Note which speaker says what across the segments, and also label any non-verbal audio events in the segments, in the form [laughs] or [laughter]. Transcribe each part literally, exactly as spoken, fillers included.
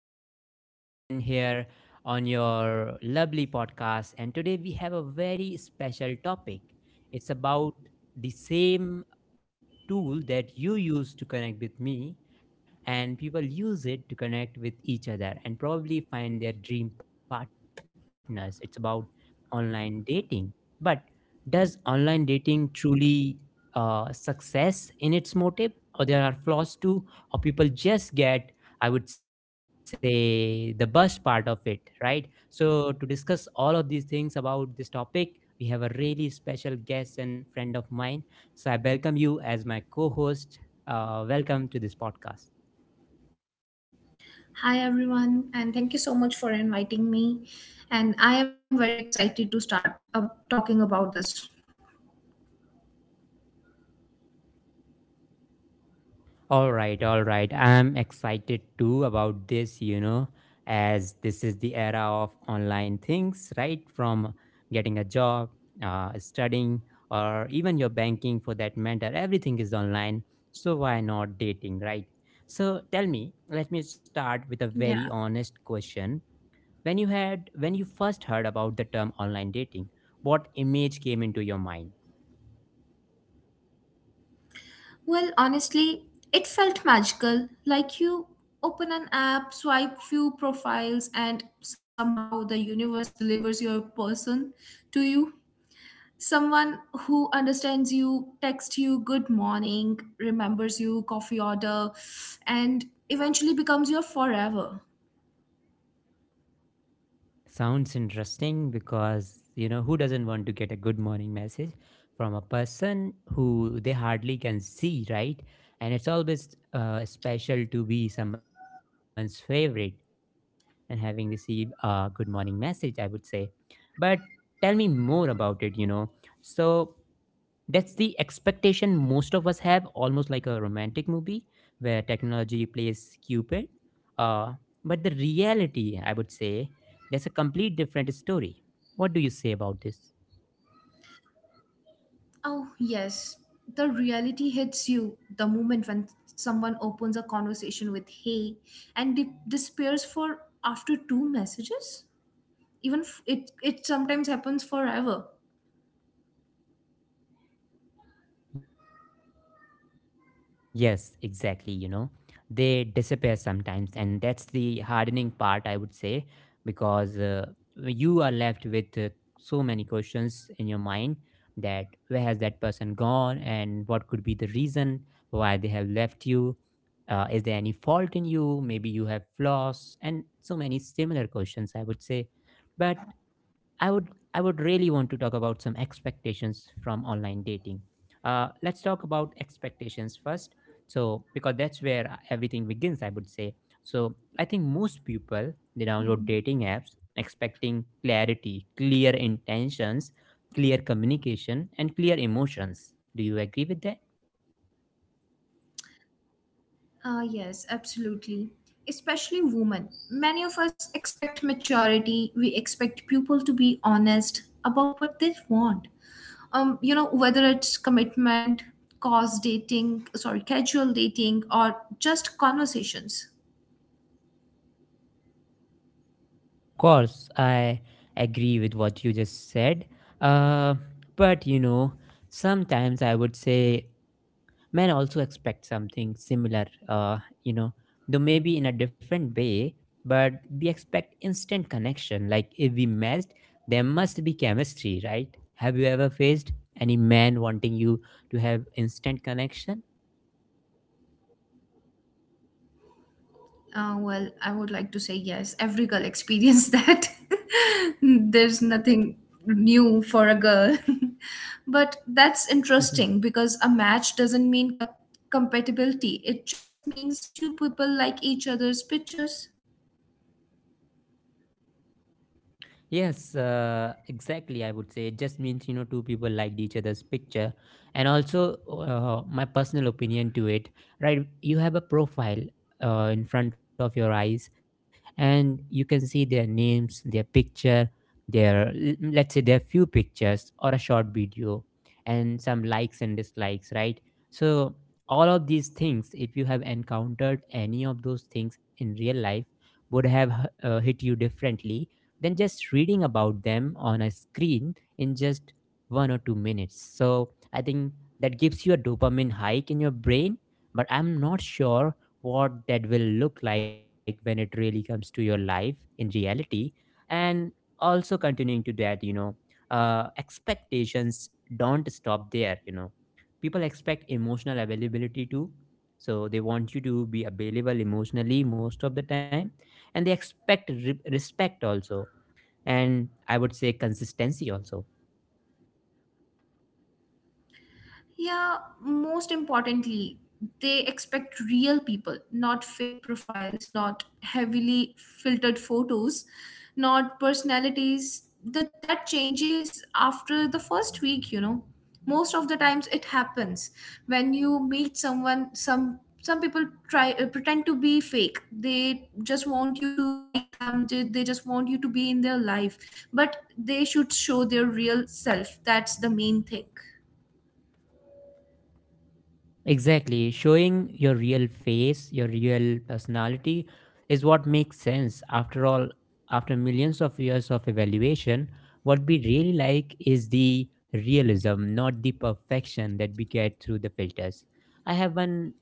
Speaker 1: back. I'm again here on your lovely podcast. And today we have a very special topic. It's about the same tool that you use to connect with me, and people use it to connect with each other and probably find their dream partners. It's about online dating. But does online dating truly uh, success in its motive, or there are flaws too, or people just get, I would say, the best part of it, right? So to discuss all of these things about this topic, we have a really special guest and friend of mine, so I welcome you as my co host. Uh, welcome to this podcast.
Speaker 2: Hi everyone, and thank you so much for inviting me. And I am very excited to start up talking about this.
Speaker 1: All right, all right. I'm excited too about this, you know, as this is the era of online things, right? From getting a job, uh, studying, or even your banking for that matter, everything is online. So why not dating, right? So tell me, let me start with a
Speaker 2: Yeah.
Speaker 1: very honest question. When you had when you first heard about the term online dating, what image came into your mind?
Speaker 2: Well, honestly, it felt magical. Like you open an app, swipe few profiles, and somehow the universe delivers your person to you. Someone who understands you, texts you good morning, remembers you, coffee order, and eventually becomes your forever.
Speaker 1: Sounds interesting because, you know, who doesn't want to get a good morning message from a person who they hardly can see, right? And it's always uh, special to be someone's favorite and having received a good morning message, I would say. But tell me more about it, you know. So, that's the expectation most of us have, almost like a romantic movie where technology plays Cupid. Uh, but the reality, I would say, that's a complete different story. What do you say about this?
Speaker 2: Oh, yes. The reality hits you the moment when someone opens a conversation with hey and de- despairs for after two messages. Even f- it, it sometimes happens forever.
Speaker 1: Yes, exactly. You know, they disappear sometimes, and that's the hardening part, I would say, because uh, you are left with uh, so many questions in your mind that where has that person gone, and what could be the reason why they have left you? Uh, is there any fault in you? Maybe you have flaws, and so many similar questions, I would say. But I would I would really want to talk about some expectations from online dating. Uh, let's talk about expectations first. So because that's where everything begins, I would say. So I think most people they download dating apps expecting clarity, clear intentions, clear communication, and clear emotions. Do you agree with that?
Speaker 2: Ah, yes, absolutely. Especially women. Many of us expect maturity. We expect people to be honest about what they want. Um, you know, whether it's commitment, cause dating, sorry, casual dating, or just conversations.
Speaker 1: Of course, I agree with what you just said. Uh, but you know, sometimes I would say men also expect something similar, uh, you know, though maybe in a different way, but we expect instant connection. Like if we matched, there must be chemistry, right? Have you ever faced any man wanting you to have instant connection?
Speaker 2: Uh, well, I would like to say yes. Every girl experienced [laughs] that. There's nothing new for a girl. [laughs] But that's interesting
Speaker 1: [laughs]
Speaker 2: because a match doesn't mean cap- compatibility. It just means two people like each other's pictures.
Speaker 1: Yes, uh, exactly. I would say it just means, you know, two people liked each other's picture, and also uh, my personal opinion to it. Right, you have a profile uh, in front of your eyes, and you can see their names, their picture, their l- let's say their few pictures or a short video, and some likes and dislikes. Right, so all of these things, if you have encountered any of those things in real life, would have uh, hit you differently than just reading about them on a screen in just one or two minutes. So I think that gives you a dopamine hike in your brain, but I'm not sure what that will look like when it really comes to your life in reality. And also continuing to that, you know, uh, expectations don't stop there, you know. People expect emotional availability too. So they want you to be available emotionally most of the time, and they expect re- respect also, and I would say consistency also.
Speaker 2: Yeah, most importantly, they expect real people, not fake profiles, not heavily filtered photos, not personalities that that changes after the first week, you know. Most of the times it happens when you meet someone some some people try uh, pretend to be fake. They just want you to like them. They, they just want you to be in their life, but they should show their real self. That's the main thing.
Speaker 1: Exactly. Showing your real face, your real personality is what makes sense. After all, after millions of years of evaluation, what we really like is the realism, not the perfection that we get through the filters. I have one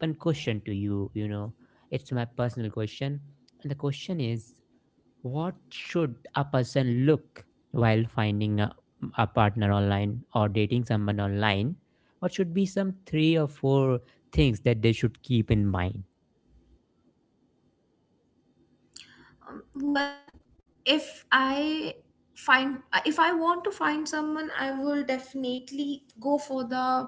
Speaker 1: one question to you, you know. It's my personal question. And the question is, what should a person look while finding a, a partner online or dating someone online? What should be some three or four things that they should keep in mind?
Speaker 2: Um, Well, if I find uh, if I want to find someone, I will definitely go for the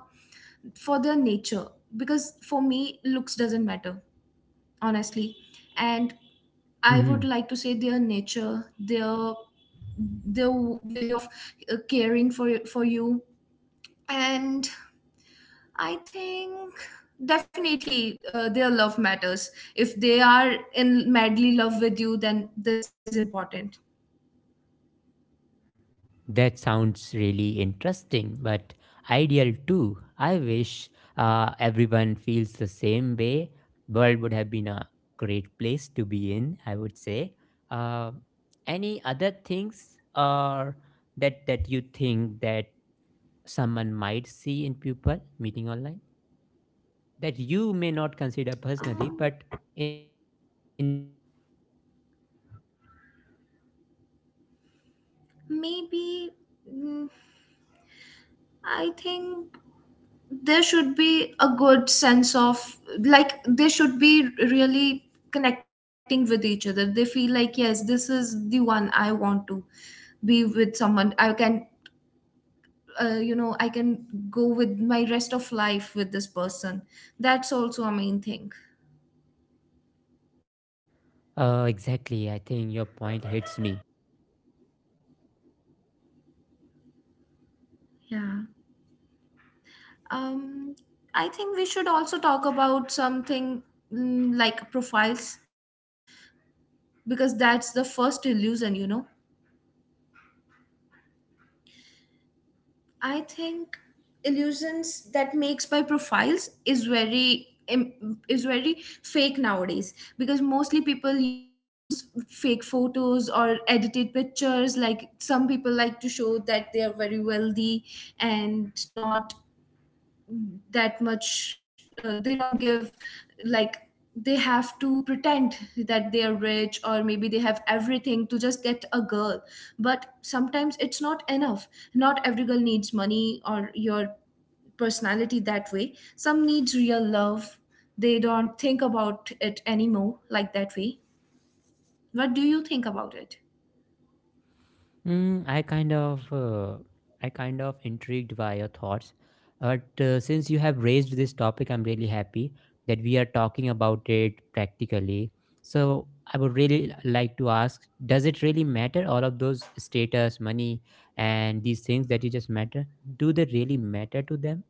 Speaker 2: for their nature, because for me looks doesn't matter honestly. And I
Speaker 1: Mm,
Speaker 2: would like to say their nature, their their way of uh, caring for for you. And I think definitely uh, their love matters. If they are in madly love with you, then this is important.
Speaker 1: that sounds really interesting, but ideal too. I wish uh, everyone feels the same way. World would have been a great place to be in, I would say. Uh, any other things or that that you think that someone might see in people meeting online that you may not consider personally,
Speaker 2: Um,
Speaker 1: but in general.
Speaker 2: Maybe mm, I think there should be a good sense of, like, they should be really connecting with each other. They feel like, yes, this is the one I want to be with, someone I can uh, you know I can go with my rest of life with this person. That's also a main thing.
Speaker 1: Uh, exactly. I think your point hits me.
Speaker 2: Yeah. um I think we should also talk about something mm, like profiles, because that's the first illusion, you know. I think illusions that makes by profiles is very im- is very fake nowadays, because mostly people use fake photos or edited pictures, like some people like to show that they are very wealthy and not that much. Uh, they don't give, like, they have to pretend that they are rich or maybe they have everything to just get a girl, but sometimes it's not enough. Not every girl needs money or your personality that way. Some needs real love. They don't think about it anymore like that way. What do you think about it?
Speaker 1: Mm, I kind of, uh, I kind of intrigued by your thoughts, but uh, since you have raised this topic, I'm really happy that we are talking about it practically. So I would really like to ask: does it really matter? All of those status, money, and these things that you just matter, do they really matter to them?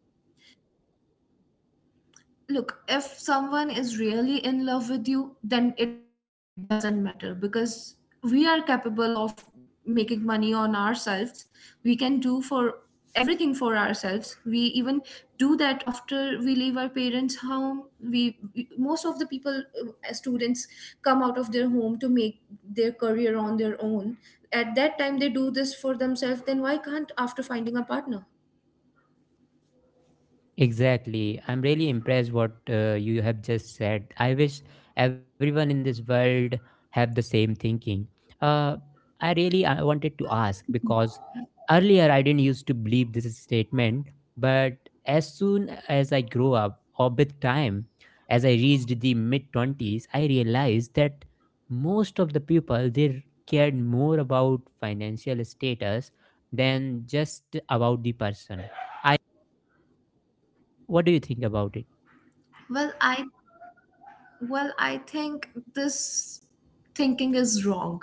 Speaker 2: Look, if someone is really in love with you, then it doesn't matter, because we are capable of making money on ourselves. We can do for everything for ourselves. We even do that after we leave our parents home. We, we Most of the people, uh, as students, come out of their home to make their career on their own. At that time they do this for themselves, then why can't after finding a partner?
Speaker 1: Exactly. I'm really impressed what uh, you have just said. I wish everyone in this world have the same thinking. Uh, I really I wanted to ask because earlier I didn't used to believe this statement, but as soon as I grew up or with time, as I reached the mid twenties, I realized that most of the people they cared more about financial status than just about the person. I, what do you think about it?
Speaker 2: Well, I Well, I think this thinking is wrong.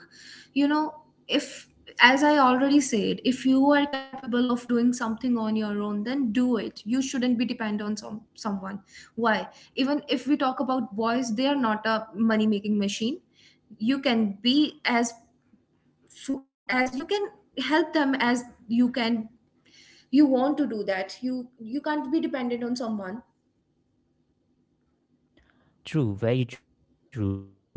Speaker 2: You know, if, as I already said, if you are capable of doing something on your own, then do it. You shouldn't be dependent on some someone. Why? Even if we talk about boys, they are not a money making machine. You can be as so as you can help them as you can. You want to do that. You you can't be dependent on someone.
Speaker 1: True, very true. I mean,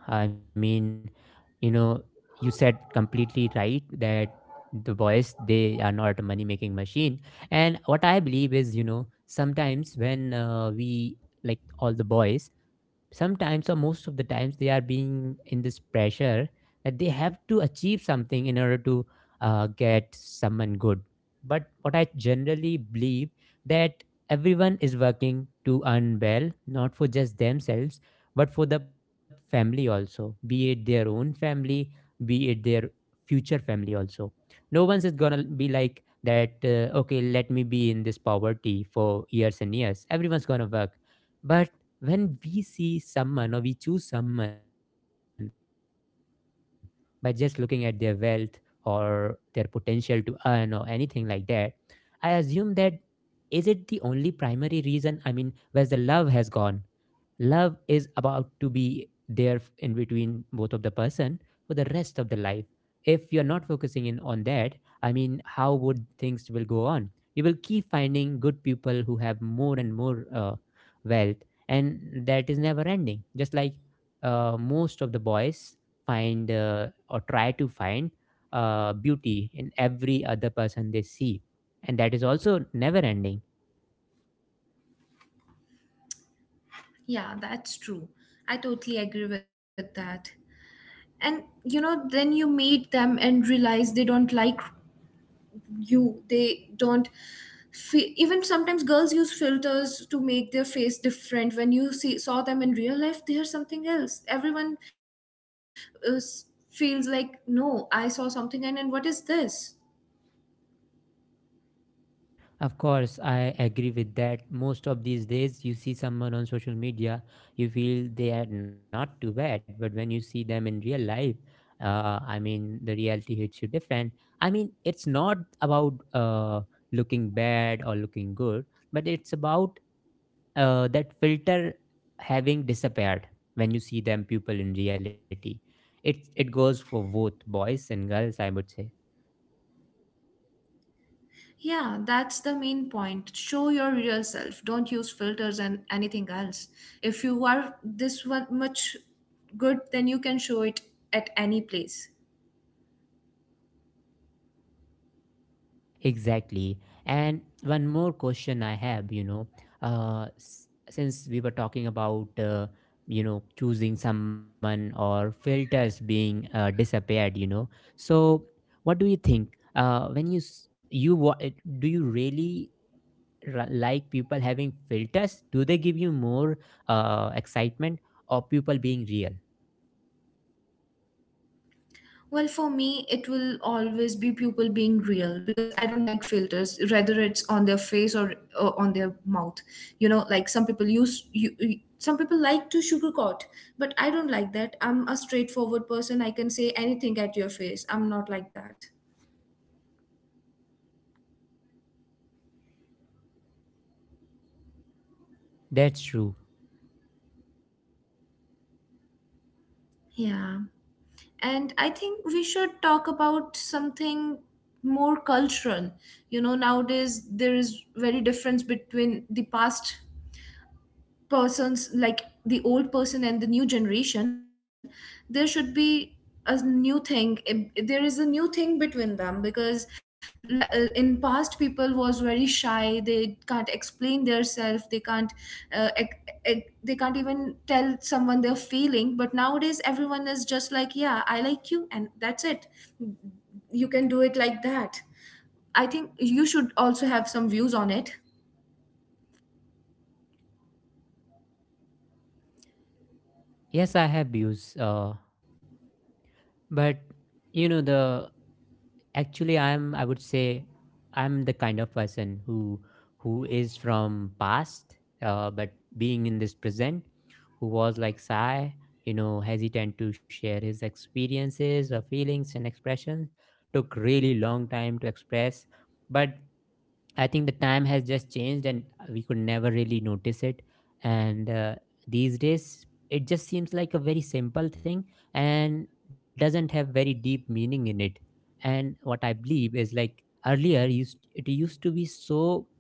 Speaker 1: you know, you said completely right that the boys they are not a money making machine. And what I believe is, you know, sometimes when uh, we like all the boys, sometimes or most of the times they are being in this pressure that they have to achieve something in order to uh, get someone good. But what I generally believe that everyone is working to earn well, not for just themselves, but for the family also, be it their own family, be it their future family also. No one's is gonna be like that, uh, okay, let me be in this poverty for years and years. Everyone's gonna work, but when we see someone or we choose someone by just looking at their wealth or their potential to earn or anything like that, I assume that, is it the only primary reason? I mean, where the love has gone? Love is about to be there f- in between both of the person for the rest of the life. If you're not focusing in on that, I mean, how would things will go on? You will keep finding good people who have more and more, uh, wealth, and that is never ending. Just like, uh, most of the boys find, uh, or try to find, uh, beauty in every other person they see, and that is also never ending.
Speaker 2: Yeah, that's true. I totally agree with that. And you know, then you meet them and realize they don't like you. They don't fe- even sometimes girls use filters to make their face different. When you see saw them in real life, they are something else. everyone is, Feels like, no, I saw something, and then what is this?
Speaker 1: Of course, I agree with that. Most of these days, you see someone on social media, you feel they are not too bad. But when you see them in real life, uh, I mean, the reality hits you different. I mean, it's not about uh, looking bad or looking good, but it's about uh, that filter having disappeared when you see them people in reality. It it goes for both boys and girls, I would say.
Speaker 2: Yeah, that's the main point. Show your real self, don't use filters and anything else. If you are this one much good, then you can show it at any place.
Speaker 1: Exactly. And one more question I have, you know, uh, s- since we were talking about, uh, you know, choosing someone or filters being uh, disappeared, you know. So, what do you think? Uh, when you s- you wa- uh, do you really ra- like people having filters? Do they give you more uh, excitement, or people being real?
Speaker 2: Well, for me, it will always be people being real, because I don't like filters, whether it's on their face, or, or on their mouth. You know, like some people use you. you- Some people like to sugarcoat, but I don't like that. I'm a straightforward person. I can say anything at your face. I'm not like that.
Speaker 1: That's true.
Speaker 2: Yeah. And I think we should talk about something more cultural. You know, nowadays there is very difference between the past persons, like the old person and the new generation. There should be a new thing. If- there is a new thing between them, because l- uh, in past people was very shy. They can't explain themselves. They can't uh, ec- ec- they can't even tell someone their feeling. But nowadays everyone is just like, yeah, I like you, and that's it. You can do it like that. I think you should also have some views on it.
Speaker 1: Yes, I have views, uh, but you know the, Actually, I'm I would say I'm the kind of person who who is from past, uh, but being in this present, who was like Sai, you know, hesitant to share his experiences or feelings and expressions, took really long time to express. But I think the time has just changed, and uh, we could never really notice it. And uh, these days, it just seems like a very simple thing and doesn't have very deep meaning in it. And what I believe is like earlier, used it used to be so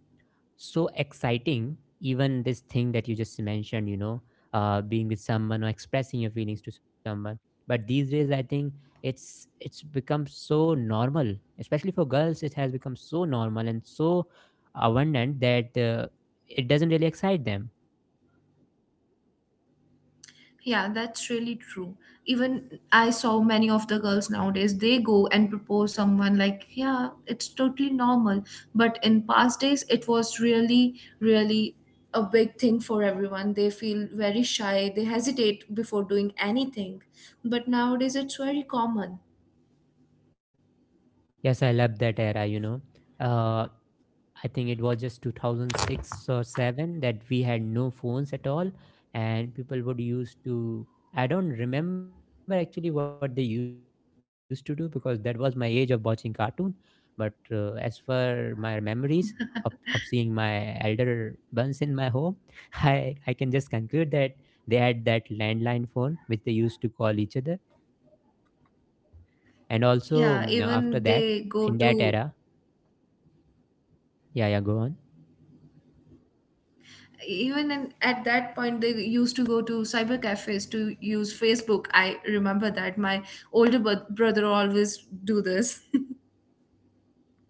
Speaker 1: so exciting, even this thing that you just mentioned, you know uh, being with someone or expressing your feelings to someone. But these days, I think it's it's become so normal, especially for girls. It has become so normal and so abundant that uh, it doesn't really excite them.
Speaker 2: Yeah, that's really true. Even I saw many of the girls nowadays, they go and propose someone like, yeah, it's totally normal. But in past days, it was really, really a big thing for everyone. They feel very shy, they hesitate before doing anything. But nowadays, it's very common.
Speaker 1: Yes, I love that era. you know uh, I think it was just two thousand six or seven that we had no phones at all, and people would use to— I don't remember actually what they used to do, because that was my age of watching cartoon. But uh, as for my memories of, of seeing my elder ones in my home, [laughs] I I can just conclude that they had that landline phone which they used to call each other. And also mm,
Speaker 2: Yeah.
Speaker 1: after that,
Speaker 2: Even they
Speaker 1: in that
Speaker 2: go
Speaker 1: era—
Speaker 2: to
Speaker 1: yeah, yeah, go on.
Speaker 2: even in, at that point they used to go to cyber cafes to use Facebook. I remember that my older bro- brother always do this.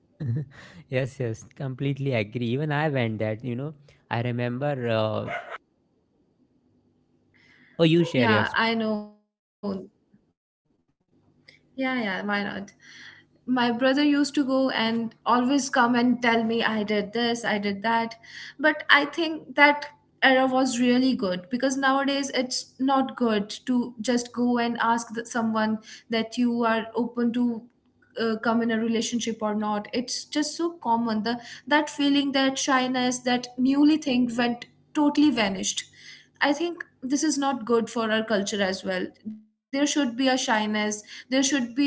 Speaker 1: [laughs] Yes, yes, completely agree. Even I went that. You know i remember, uh, oh, you
Speaker 2: [laughs]
Speaker 1: share your—
Speaker 2: Yeah, I know. Yeah, yeah, why not? My brother used to go and always come and tell me, I did this, I did that. But I think that era was really good, because nowadays it's not good to just go and ask the, someone that you are open to uh, come in a relationship or not. It's just so common. The That feeling, that shyness, that newly thing went totally vanished. I think this is not good for our culture as well. There should be a shyness. There should be a,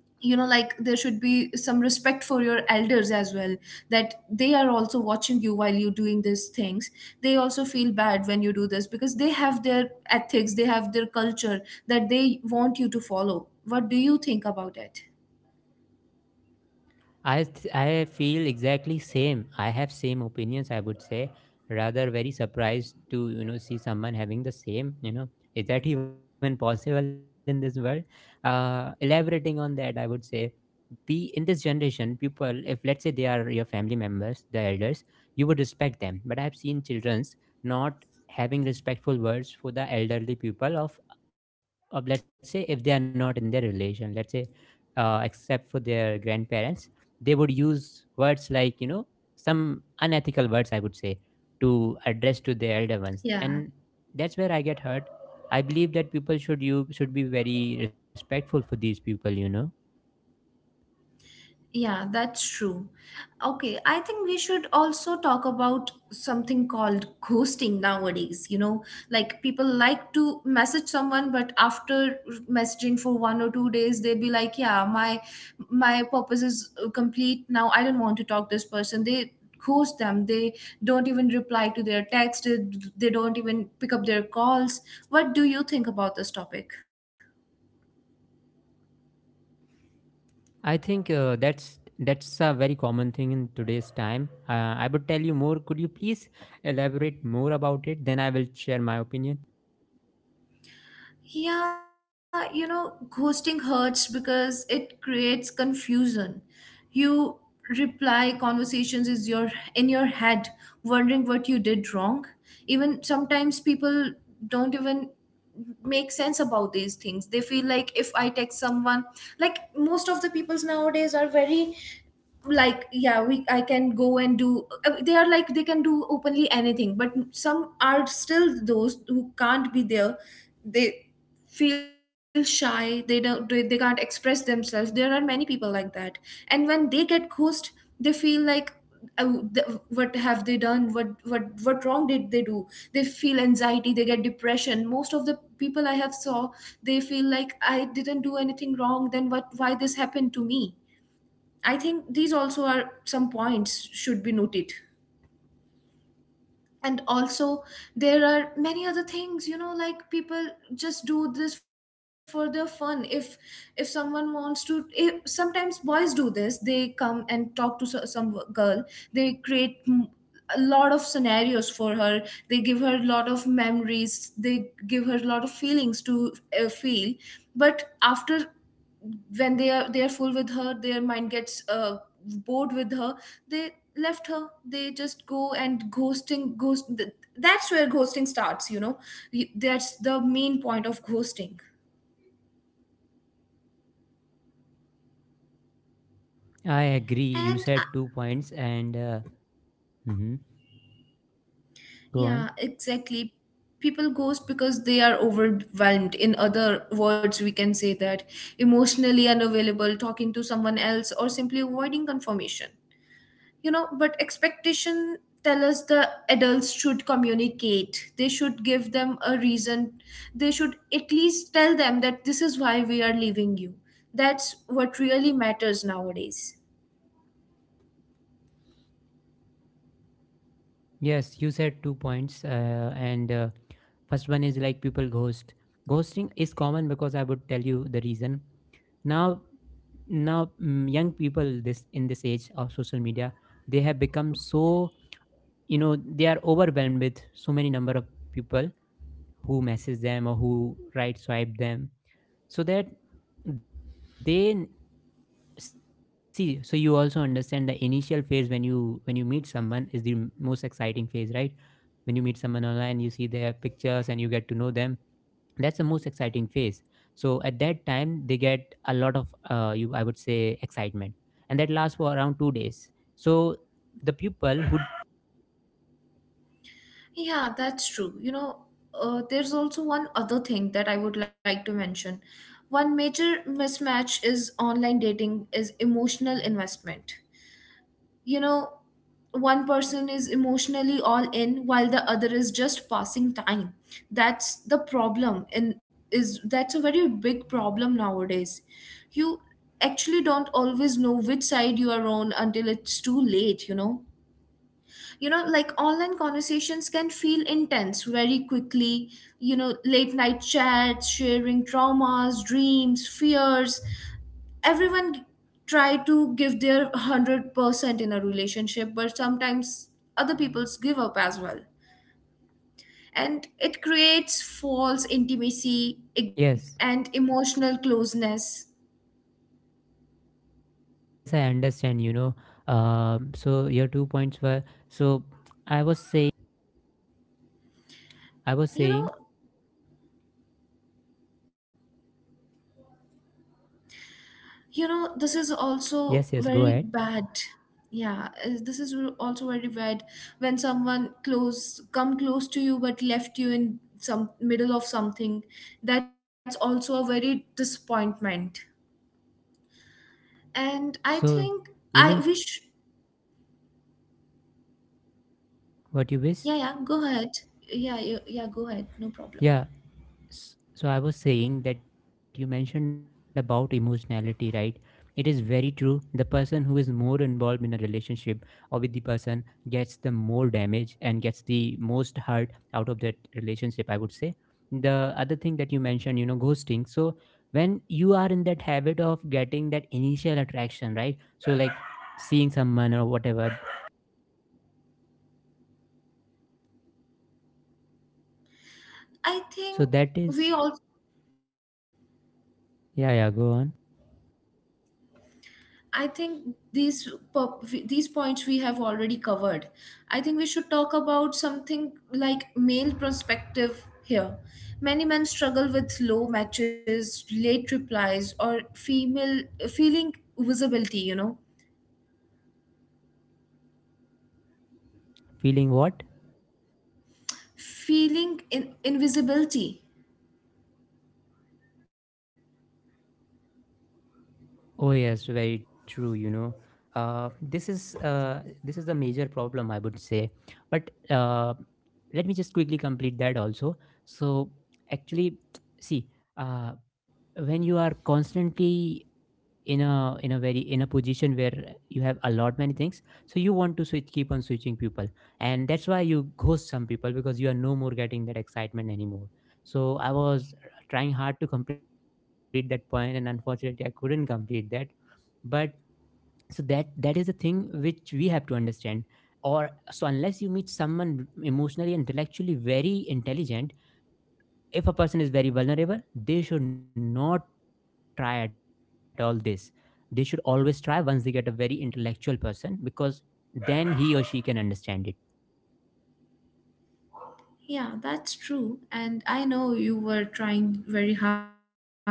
Speaker 2: you know, like, there should be some respect for your elders as well, that they are also watching you while you're doing these things. They also feel bad when you do this, because they have their ethics, they have their culture that they want you to follow. What do you think about it?
Speaker 1: I th- I feel exactly same. I have same opinions. I would say, rather, very surprised to you know see someone having the same. You know, is that even possible in this world? Uh, elaborating on that, I would say, be in this generation, people, if let's say they are your family members, the elders, you would respect them. But I have seen childrens not having respectful words for the elderly people of of let's say, if they are not in their relation, let's say uh, except for their grandparents, they would use words like, you know some unethical words, I would say, to address to the elder ones.
Speaker 2: Yeah,
Speaker 1: And that's where I get hurt. I believe that people should you should be very respectful for these people you know
Speaker 2: Yeah, that's true. Okay, I think we should also talk about something called [laughs] ghosting nowadays. You know, like, people like to message someone, but after messaging for one or two days, they be like, "Yeah, my my purpose is uh, complete now. I don't want to talk this person." They ghost them. They don't even reply to their text. They they don't even pick up their calls. What do you think about this topic?
Speaker 1: I think uh, that's that's a very common thing in today's time. uh, I would tell you more. Could you please elaborate more about it? Then I will share my opinion.
Speaker 2: Yeah, you know, ghosting hurts because it creates confusion. You reply conversations is your in your head wondering what you did wrong. Even sometimes people don't even make sense about these things. They feel like, if I text someone, like most of the peoples nowadays are very like, yeah, we I can go and do uh, they are like they can do openly anything. But some are still those who can't be there. They feel shy. They don't they, they can't express themselves. There are many people like that. And when they get ghosted, they feel like, oh, the, what have they done? What what what wrong did they do? They feel anxiety, they get depression. Most of the people I have saw, they feel like, I didn't do anything wrong, then what why this happened to me? I think these also are some points should be noted. And also there are many other things, you know, like people just do this for their fun. If if someone wants to, if, sometimes boys do this. They come and talk to so- some girl. They create mm, a lot of scenarios for her. They give her a lot of memories. They give her a lot of feelings to uh, feel. But after, when they are, they are full with her, their mind gets uh, bored with her. They left her. They just go and ghosting ghost th- that's where ghosting starts, you know. Y- that's the main point of ghosting.
Speaker 1: I agree, you
Speaker 2: And uh,
Speaker 1: said two points, and uh, mhm. Go
Speaker 2: Yeah,
Speaker 1: on.
Speaker 2: exactly, people ghost because they are overwhelmed. In other words, we can say that emotionally unavailable, talking to someone else, or simply avoiding confirmation, you know. But expectation tell us the adults should communicate. They should give them a reason. They should at least tell them that this is why we are leaving you. That's what really matters nowadays.
Speaker 1: Yes, you said two points, uh, and uh, first one is like people ghost. Ghosting is common because I would tell you the reason. Now, now mm, young people, this in this age of social media, they have become so— you know they are overwhelmed with so many number of people who message them or who right swipe them, so that— they n- see. So you also understand, the initial phase when you when you meet someone is the m- most exciting phase, right? When you meet someone online, you see their pictures and you get to know them. That's the most exciting phase. So at that time they get a lot of uh, you I would say excitement, and that lasts for around two days. So the pupil who—
Speaker 2: Yeah, that's true, you know. Uh, there's also one other thing that I would like to mention. One major mismatch is online dating is emotional investment. You know one person is emotionally all in while the other is just passing time. That's the problem. And is that's a very big problem nowadays. You actually don't always know which side you are on until it's too late you know you know like online conversations can feel intense very quickly. You know, late night chats, sharing traumas, dreams, fears. Everyone try to give their one hundred percent in a relationship, but sometimes other people's give up as well. And it creates false intimacy ig-
Speaker 1: yes,
Speaker 2: and emotional closeness.
Speaker 1: yes, I understand. You know um, so your two points were— so i was saying i was
Speaker 2: you
Speaker 1: saying
Speaker 2: know you
Speaker 1: yes,
Speaker 2: know
Speaker 1: yes,
Speaker 2: this
Speaker 1: go
Speaker 2: is
Speaker 1: ahead.
Speaker 2: also very bad. Yeah, uh, this is r- also very bad when someone close come close to you but left you in some middle of something. That's also a very disappointment. And
Speaker 1: Yes.
Speaker 2: I
Speaker 1: So,
Speaker 2: think I
Speaker 1: you know
Speaker 2: wish,
Speaker 1: what you wish?
Speaker 2: yeah, yeah, go ahead. Yeah, you, yeah, go ahead. No problem.
Speaker 1: Yeah. S- So I was saying that you mentioned about emotionality, right? It is very true. The person who is more involved in a relationship or with the person gets the more damage and gets the most hurt out of that relationship, I would say. The other thing that you mentioned, you know, ghosting. So when you are in that habit of getting that initial attraction, right? So like, seeing someone or whatever.
Speaker 2: I
Speaker 1: So
Speaker 2: think
Speaker 1: that is—
Speaker 2: we all,
Speaker 1: yeah, yeah, go on.
Speaker 2: I think these po- these points we have already covered. I think we should talk about something like male perspective here. Many men struggle with low matches, late replies, or female feeling visibility. You know,
Speaker 1: Feeling what?
Speaker 2: feeling in invisibility.
Speaker 1: Oh yes, very true. You know, uh, this is uh, this is the major problem, I would say. But uh, let me just quickly complete that also. So actually, [tsk] see, uh, when you are constantly in a in a very in a position where you have a lot many things, so you want to switch keep on switching people, and that's why you ghost some people, because you are no more getting that excitement anymore. So I was trying hard to complete that point, and unfortunately I couldn't complete that. But so that that is the thing which we have to understand. Or so, unless you meet someone emotionally and intellectually very intelligent— if a person is very vulnerable, they should not try at all this. They should always try once they get a very intellectual person, because then he or she can understand it.
Speaker 2: Yeah, that's true. And I know you were trying very hard,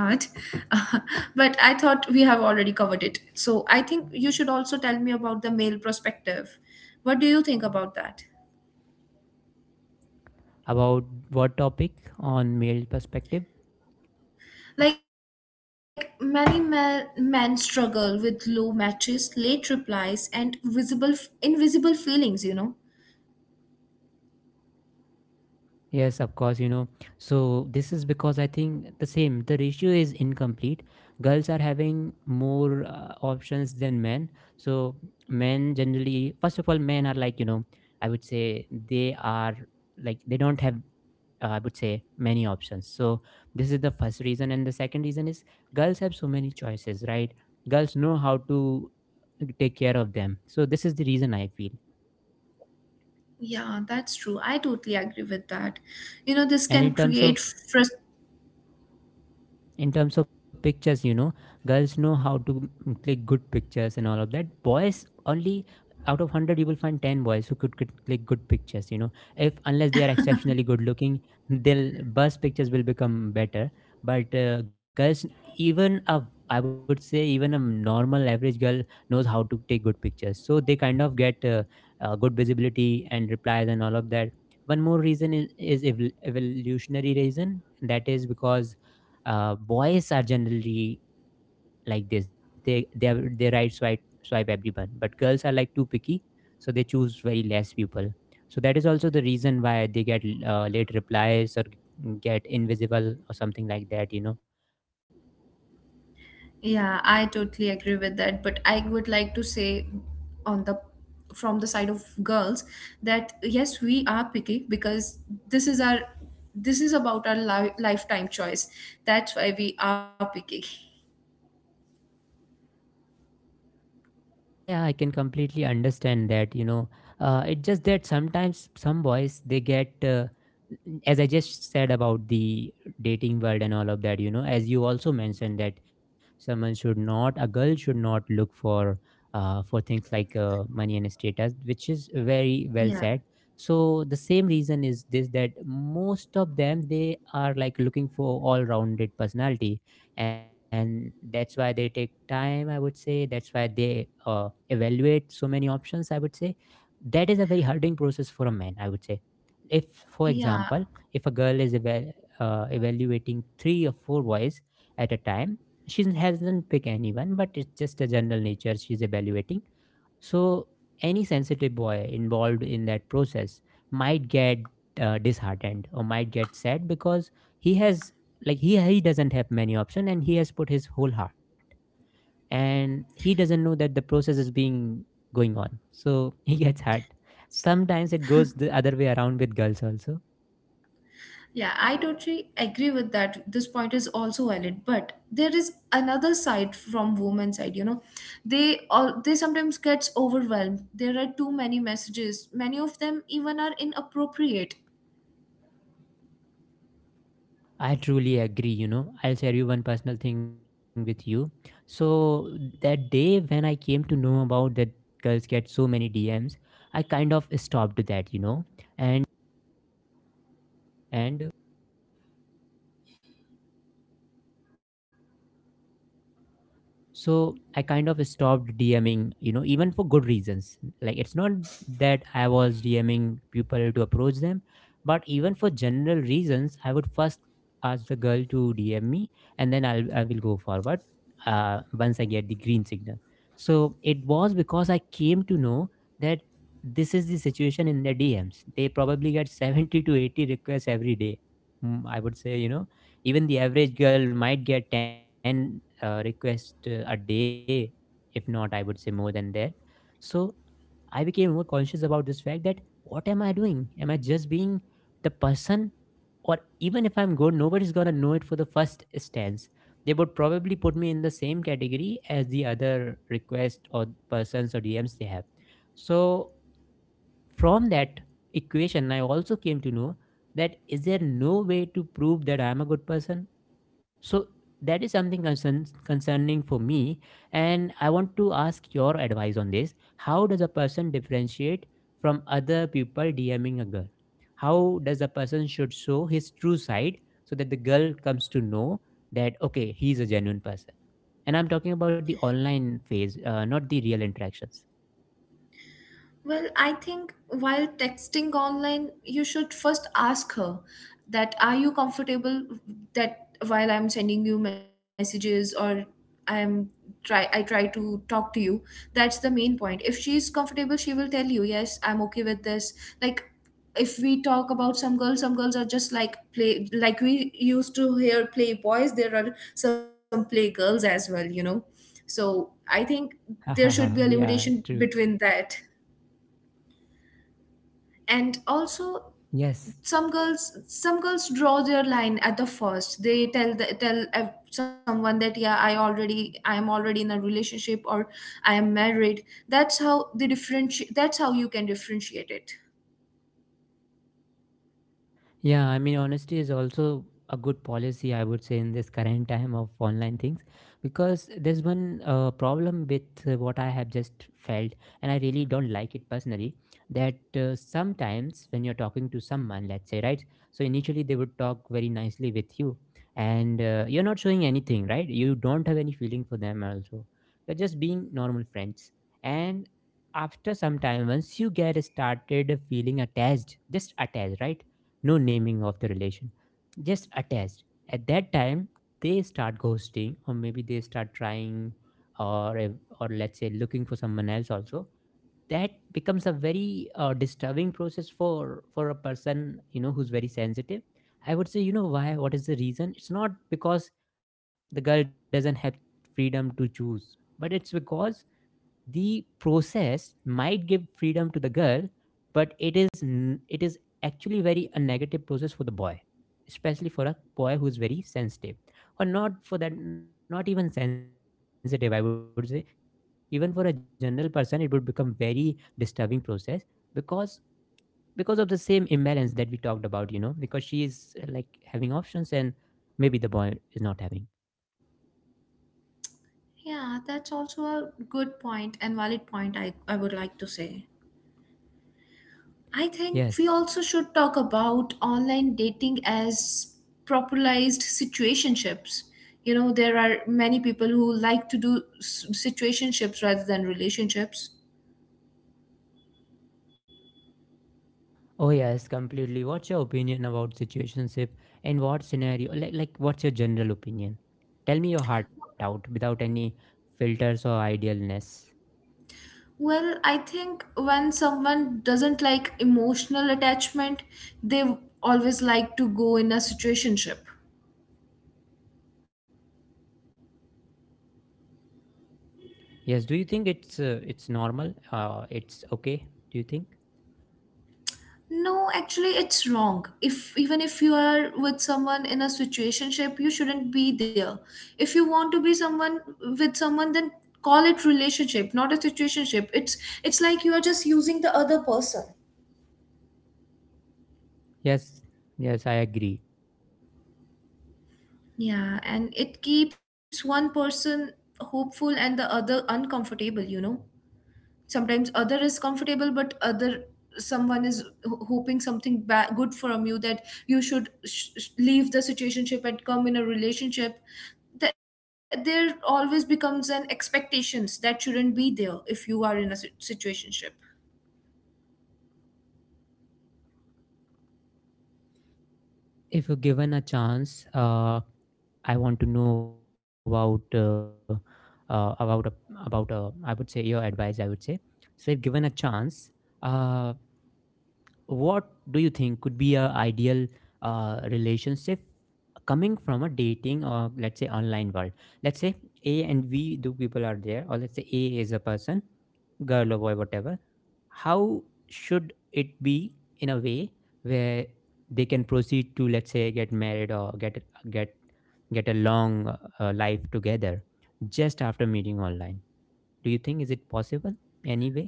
Speaker 2: [laughs] but I thought we have already covered it. So I think you should also tell me about the male perspective. What do you think about that?
Speaker 1: About what topic? On male perspective.
Speaker 2: Like, many ma- men struggle with low matches, late replies, and visible, invisible feelings, you know?
Speaker 1: Yes, of course. You know so this is because I think the same— the ratio is incomplete. Girls are having more uh, options than men. So men generally— first of all, men are like, you know I would say, they are like, they don't have uh, I would say, many options. So this is the first reason. And the second reason is, girls have so many choices, right? Girls know how to uh, take care of them. So this is the reason I feel.
Speaker 2: Yeah, that's true. I totally agree with that.
Speaker 1: And in
Speaker 2: You
Speaker 1: terms
Speaker 2: know,
Speaker 1: of
Speaker 2: this can create frustration.
Speaker 1: in terms of pictures, you know girls know how to mm, click good pictures and all of that. Boys only, out of one hundred, you will find ten boys who could click click good pictures you know If unless they are exceptionally good looking, they'll bus pictures will become better. But uh, girls, even a I would say, even a normal average girl knows how to take good pictures, so they kind of get uh, uh, good visibility and replies and all of that. One more reason is, is evol- evolutionary reason, that is because uh, boys are generally like this, they they are- they right swipe swipe everyone, but girls are like too picky. So they choose very less people. So that is also the reason why they get uh, late replies, or get invisible, or something like that you know
Speaker 2: Yeah, I totally agree with that. But I would like to say on the from the side of girls that yes, we are picky because this is our this is about our li- lifetime choice. That's why we are picky.
Speaker 1: Yeah, yeah, I can completely understand that. You know, uh, it's just that sometimes some boys, they get, uh, as I just said, about the dating world and all of that. You know, as you also mentioned, that someone should not, a girl should not look for, uh, for things like uh, money and status, which is very well
Speaker 2: Yeah.
Speaker 1: said. So the same reason is this, that most of them, they are like looking for all-rounded personality, and that's why they take time. I would say that's why they. Uh, evaluate so many options, I would say. That is a very hurting process for a man, I would say. if for example
Speaker 2: Yeah,
Speaker 1: if a girl is eva- uh, evaluating three or four boys at a time— she hasn't picked anyone, but it's just a general nature, she's evaluating. So any sensitive boy involved in that process might get uh, disheartened or might get sad, because he has like he he doesn't have many options, and he has put his whole heart, and he doesn't know that the process is being going on, so [laughs] he gets hurt. Sometimes it goes the other way around with girls also.
Speaker 2: yeah, I totally agree with that. This point is also valid, but there is another side from women's side, you know. They all they sometimes gets overwhelmed. There are too many messages. Many of them even are inappropriate.
Speaker 1: I truly agree. you know I'll share you one personal thing with you. So that day, when I came to know about that girls get so many DMs, I kind of stopped that you know and and so I kind of stopped dming, you know even for good reasons. Like, it's not that I was dming people to approach them, but even for general reasons I would first ask the girl to dm me, and then i'll i will go forward, uh, once I get the green signal. So it was because I came to know that this is the situation. In the DMs, they probably get [laughs] seventy to eighty requests every day. Mm, I would say, you know even the average girl might get ten uh, request uh, a day, if not, I would say, more than that. So I became more conscious about this fact that what am I doing? Am I just being the person? Or even if I'm good, nobody's gonna know it for the first stance. They would probably put me in the same category as the other requests or persons or D Ms they have. So from that equation, I also came to know that, is there no way to prove that I'm a good person? So that is something concern, concerning for me, and I want to ask your advice on this. How does a person differentiate from other people DMing a girl? How does a person should show his true side, so that the girl comes to know that okay, he's a genuine person? And I'm talking about the online phase, uh, not the real interactions.
Speaker 2: Well, I think while texting online, you should first ask her that are you comfortable that while I'm sending you messages or I'm try I try to talk to you. That's the main point. If she's comfortable, she will tell you, "Yes, I'm okay with this." Like, if we talk about some girls, some girls are just like play, like we used to hear play boys, there are some play girls as well, you know. So, I think there should be a
Speaker 1: [laughs] Yeah,
Speaker 2: limitation
Speaker 1: true.
Speaker 2: between that, and also
Speaker 1: Yes.
Speaker 2: some girls, some girls draw their line at the first. They tell the, tell ev- someone that yeah, i already I am already in a relationship or I am married. That's how they differentiate. That's how you can differentiate it.
Speaker 1: Yeah, I mean, honesty is also a good policy, I would say, in this current time of online things, because there's one uh, problem with uh, what I have just felt, and I really don't like it personally. That uh, sometimes when you're talking to someone, let's say, right? So initially they would talk very nicely with you, and uh, you're not showing anything, right? You don't have any feeling for them, also. You're just being normal friends, and after some time, once you get started feeling attached, just attached, right? No naming of the relation, just attached. At that time, they start ghosting, or maybe they start trying, or or let's say, looking for someone else also. That becomes a very uh, disturbing process for for a person, you know who's very sensitive. I would say, you know why? What is the reason? It's not because the girl doesn't have freedom to choose, but it's because the process might give freedom to the girl, but it is n- it is actually very a negative process for the boy, especially for a boy who is very sensitive. Or not for that— not even sensitive, I would say, even for a general person it would become very disturbing process, because because of the same imbalance that we talked about, you know because she is uh, like having options, and maybe the boy is not having—
Speaker 2: Yeah, that's also a good point and valid point. I i would like to say I think we
Speaker 1: yes.
Speaker 2: also should talk about online dating as popularized situationships. You know, there are many people who like to do s- situationships rather than relationships.
Speaker 1: Oh yes, completely. What's your opinion about situationship? In what scenario? Like, like, what's your general opinion? Tell me your heart out without any filters or idealness.
Speaker 2: Well, I think when someone doesn't like emotional attachment, they always like to go in a situationship.
Speaker 1: Yes. Do you think it's uh, it's normal? Uh, it's okay, do you think?
Speaker 2: No, actually, it's wrong. If even if you are with someone in a situationship, you shouldn't be there. If you want to be someone with someone, then call it relationship, not a situationship. It's it's like you are just using the other person.
Speaker 1: Yes. Yes, I agree.
Speaker 2: Yeah, and it keeps one person hopeful and the other uncomfortable. You know, sometimes other is comfortable, but other someone is ho- hoping something ba- good from you that you should sh- sh- leave the situationship and come in a relationship. Th- there always becomes an expectations that shouldn't be there if you are in a sit- situationship.
Speaker 1: If uh, if you're given a chance, uh, I want to know about uh, uh, about a, about a, I would say, your advice. I would say, so if given a chance, uh, what do you think could be a ideal uh, relationship coming from a dating or, let's say, online world? Let's say A and V, two people are there, or let's say A is a person, girl or boy, whatever— how should it be, in a way where they can proceed to, let's say, get married, or get get get a long uh, uh, life together, just after meeting online? Do you think, is it possible, anyway?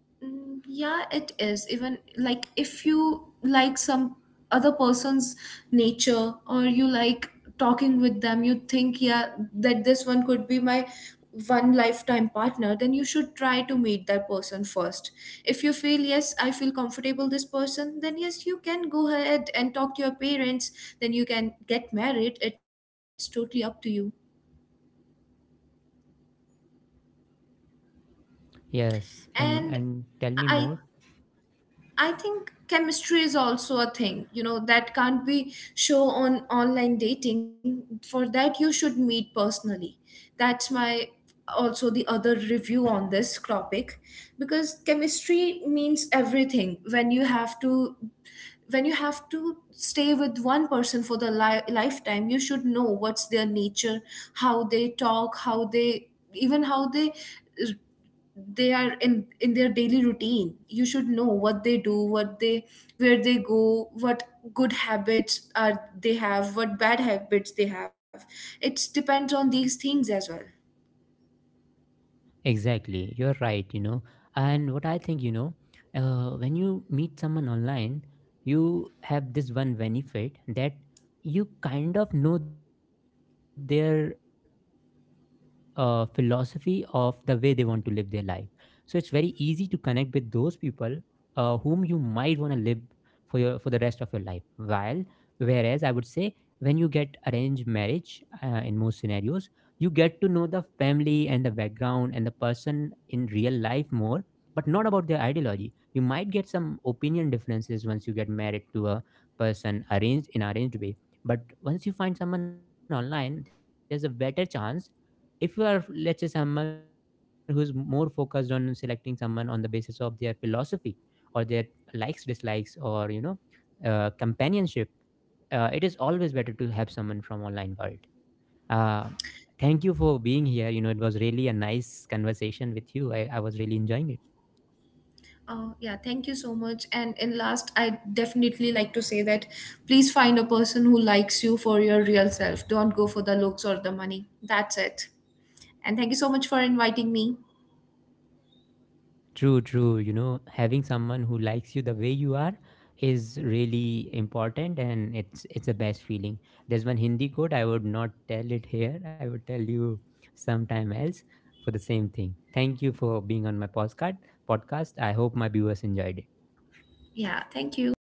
Speaker 2: Mm, yeah, it is. Even like if you like some other person's nature or you like talking with them, you think yeah, that this one could be my one lifetime partner, then you should try to meet that person first. If you feel yes, I feel comfortable this person, then yes, you can go ahead and talk to your parents, then you can get married. It's totally up to you.
Speaker 1: Yes,
Speaker 2: And
Speaker 1: and and tell
Speaker 2: i
Speaker 1: me more.
Speaker 2: i think chemistry is also a thing, you know, that can't be show on online dating. For that you should meet personally. That's my also the other review on this topic. Because chemistry means everything when you have to, when you have to stay with one person for the li- lifetime, you should know what's their nature, how they talk, how they, even how they they are in in their daily routine. You should know what they do, what they, where they go, what good habits are they have, what bad habits they have. It depends on these things as well.
Speaker 1: Exactly, you're right, you know. And what I think, you know, uh, when you meet someone online, you have this one benefit, that you kind of know their uh, philosophy of the way they want to live their life. So it's very easy to connect with those people uh, whom you might want to live for your for the rest of your life. While— whereas I would say, when you get arranged marriage, uh, in most scenarios, you get to know the family and the background and the person in real life more, but not about their ideology. You might get some opinion differences once you get married to a person arranged in arranged way. But once you find someone online, there's a better chance, if you are, let's say, someone who's more focused on selecting someone on the basis of their philosophy, or their likes, dislikes, or you know uh, companionship. Uh, it is always better to have someone from online world. uh, Thank you for being here. You know, it was really a nice conversation with you. I, I was really enjoying it.
Speaker 2: Uh, yeah, thank you so much, and in last I definitely like to say that please find a person who likes you for your real self. Don't go for the looks or the money. That's it. And thank you so much for inviting me.
Speaker 1: True, true. You know, having someone who likes you the way you are is really important, and it's it's the best feeling. There's one Hindi quote, I would not tell it here. I would tell you sometime else for the same thing. Thank you for being on my podcast podcast. I hope my viewers enjoyed it.
Speaker 2: Yeah, thank you.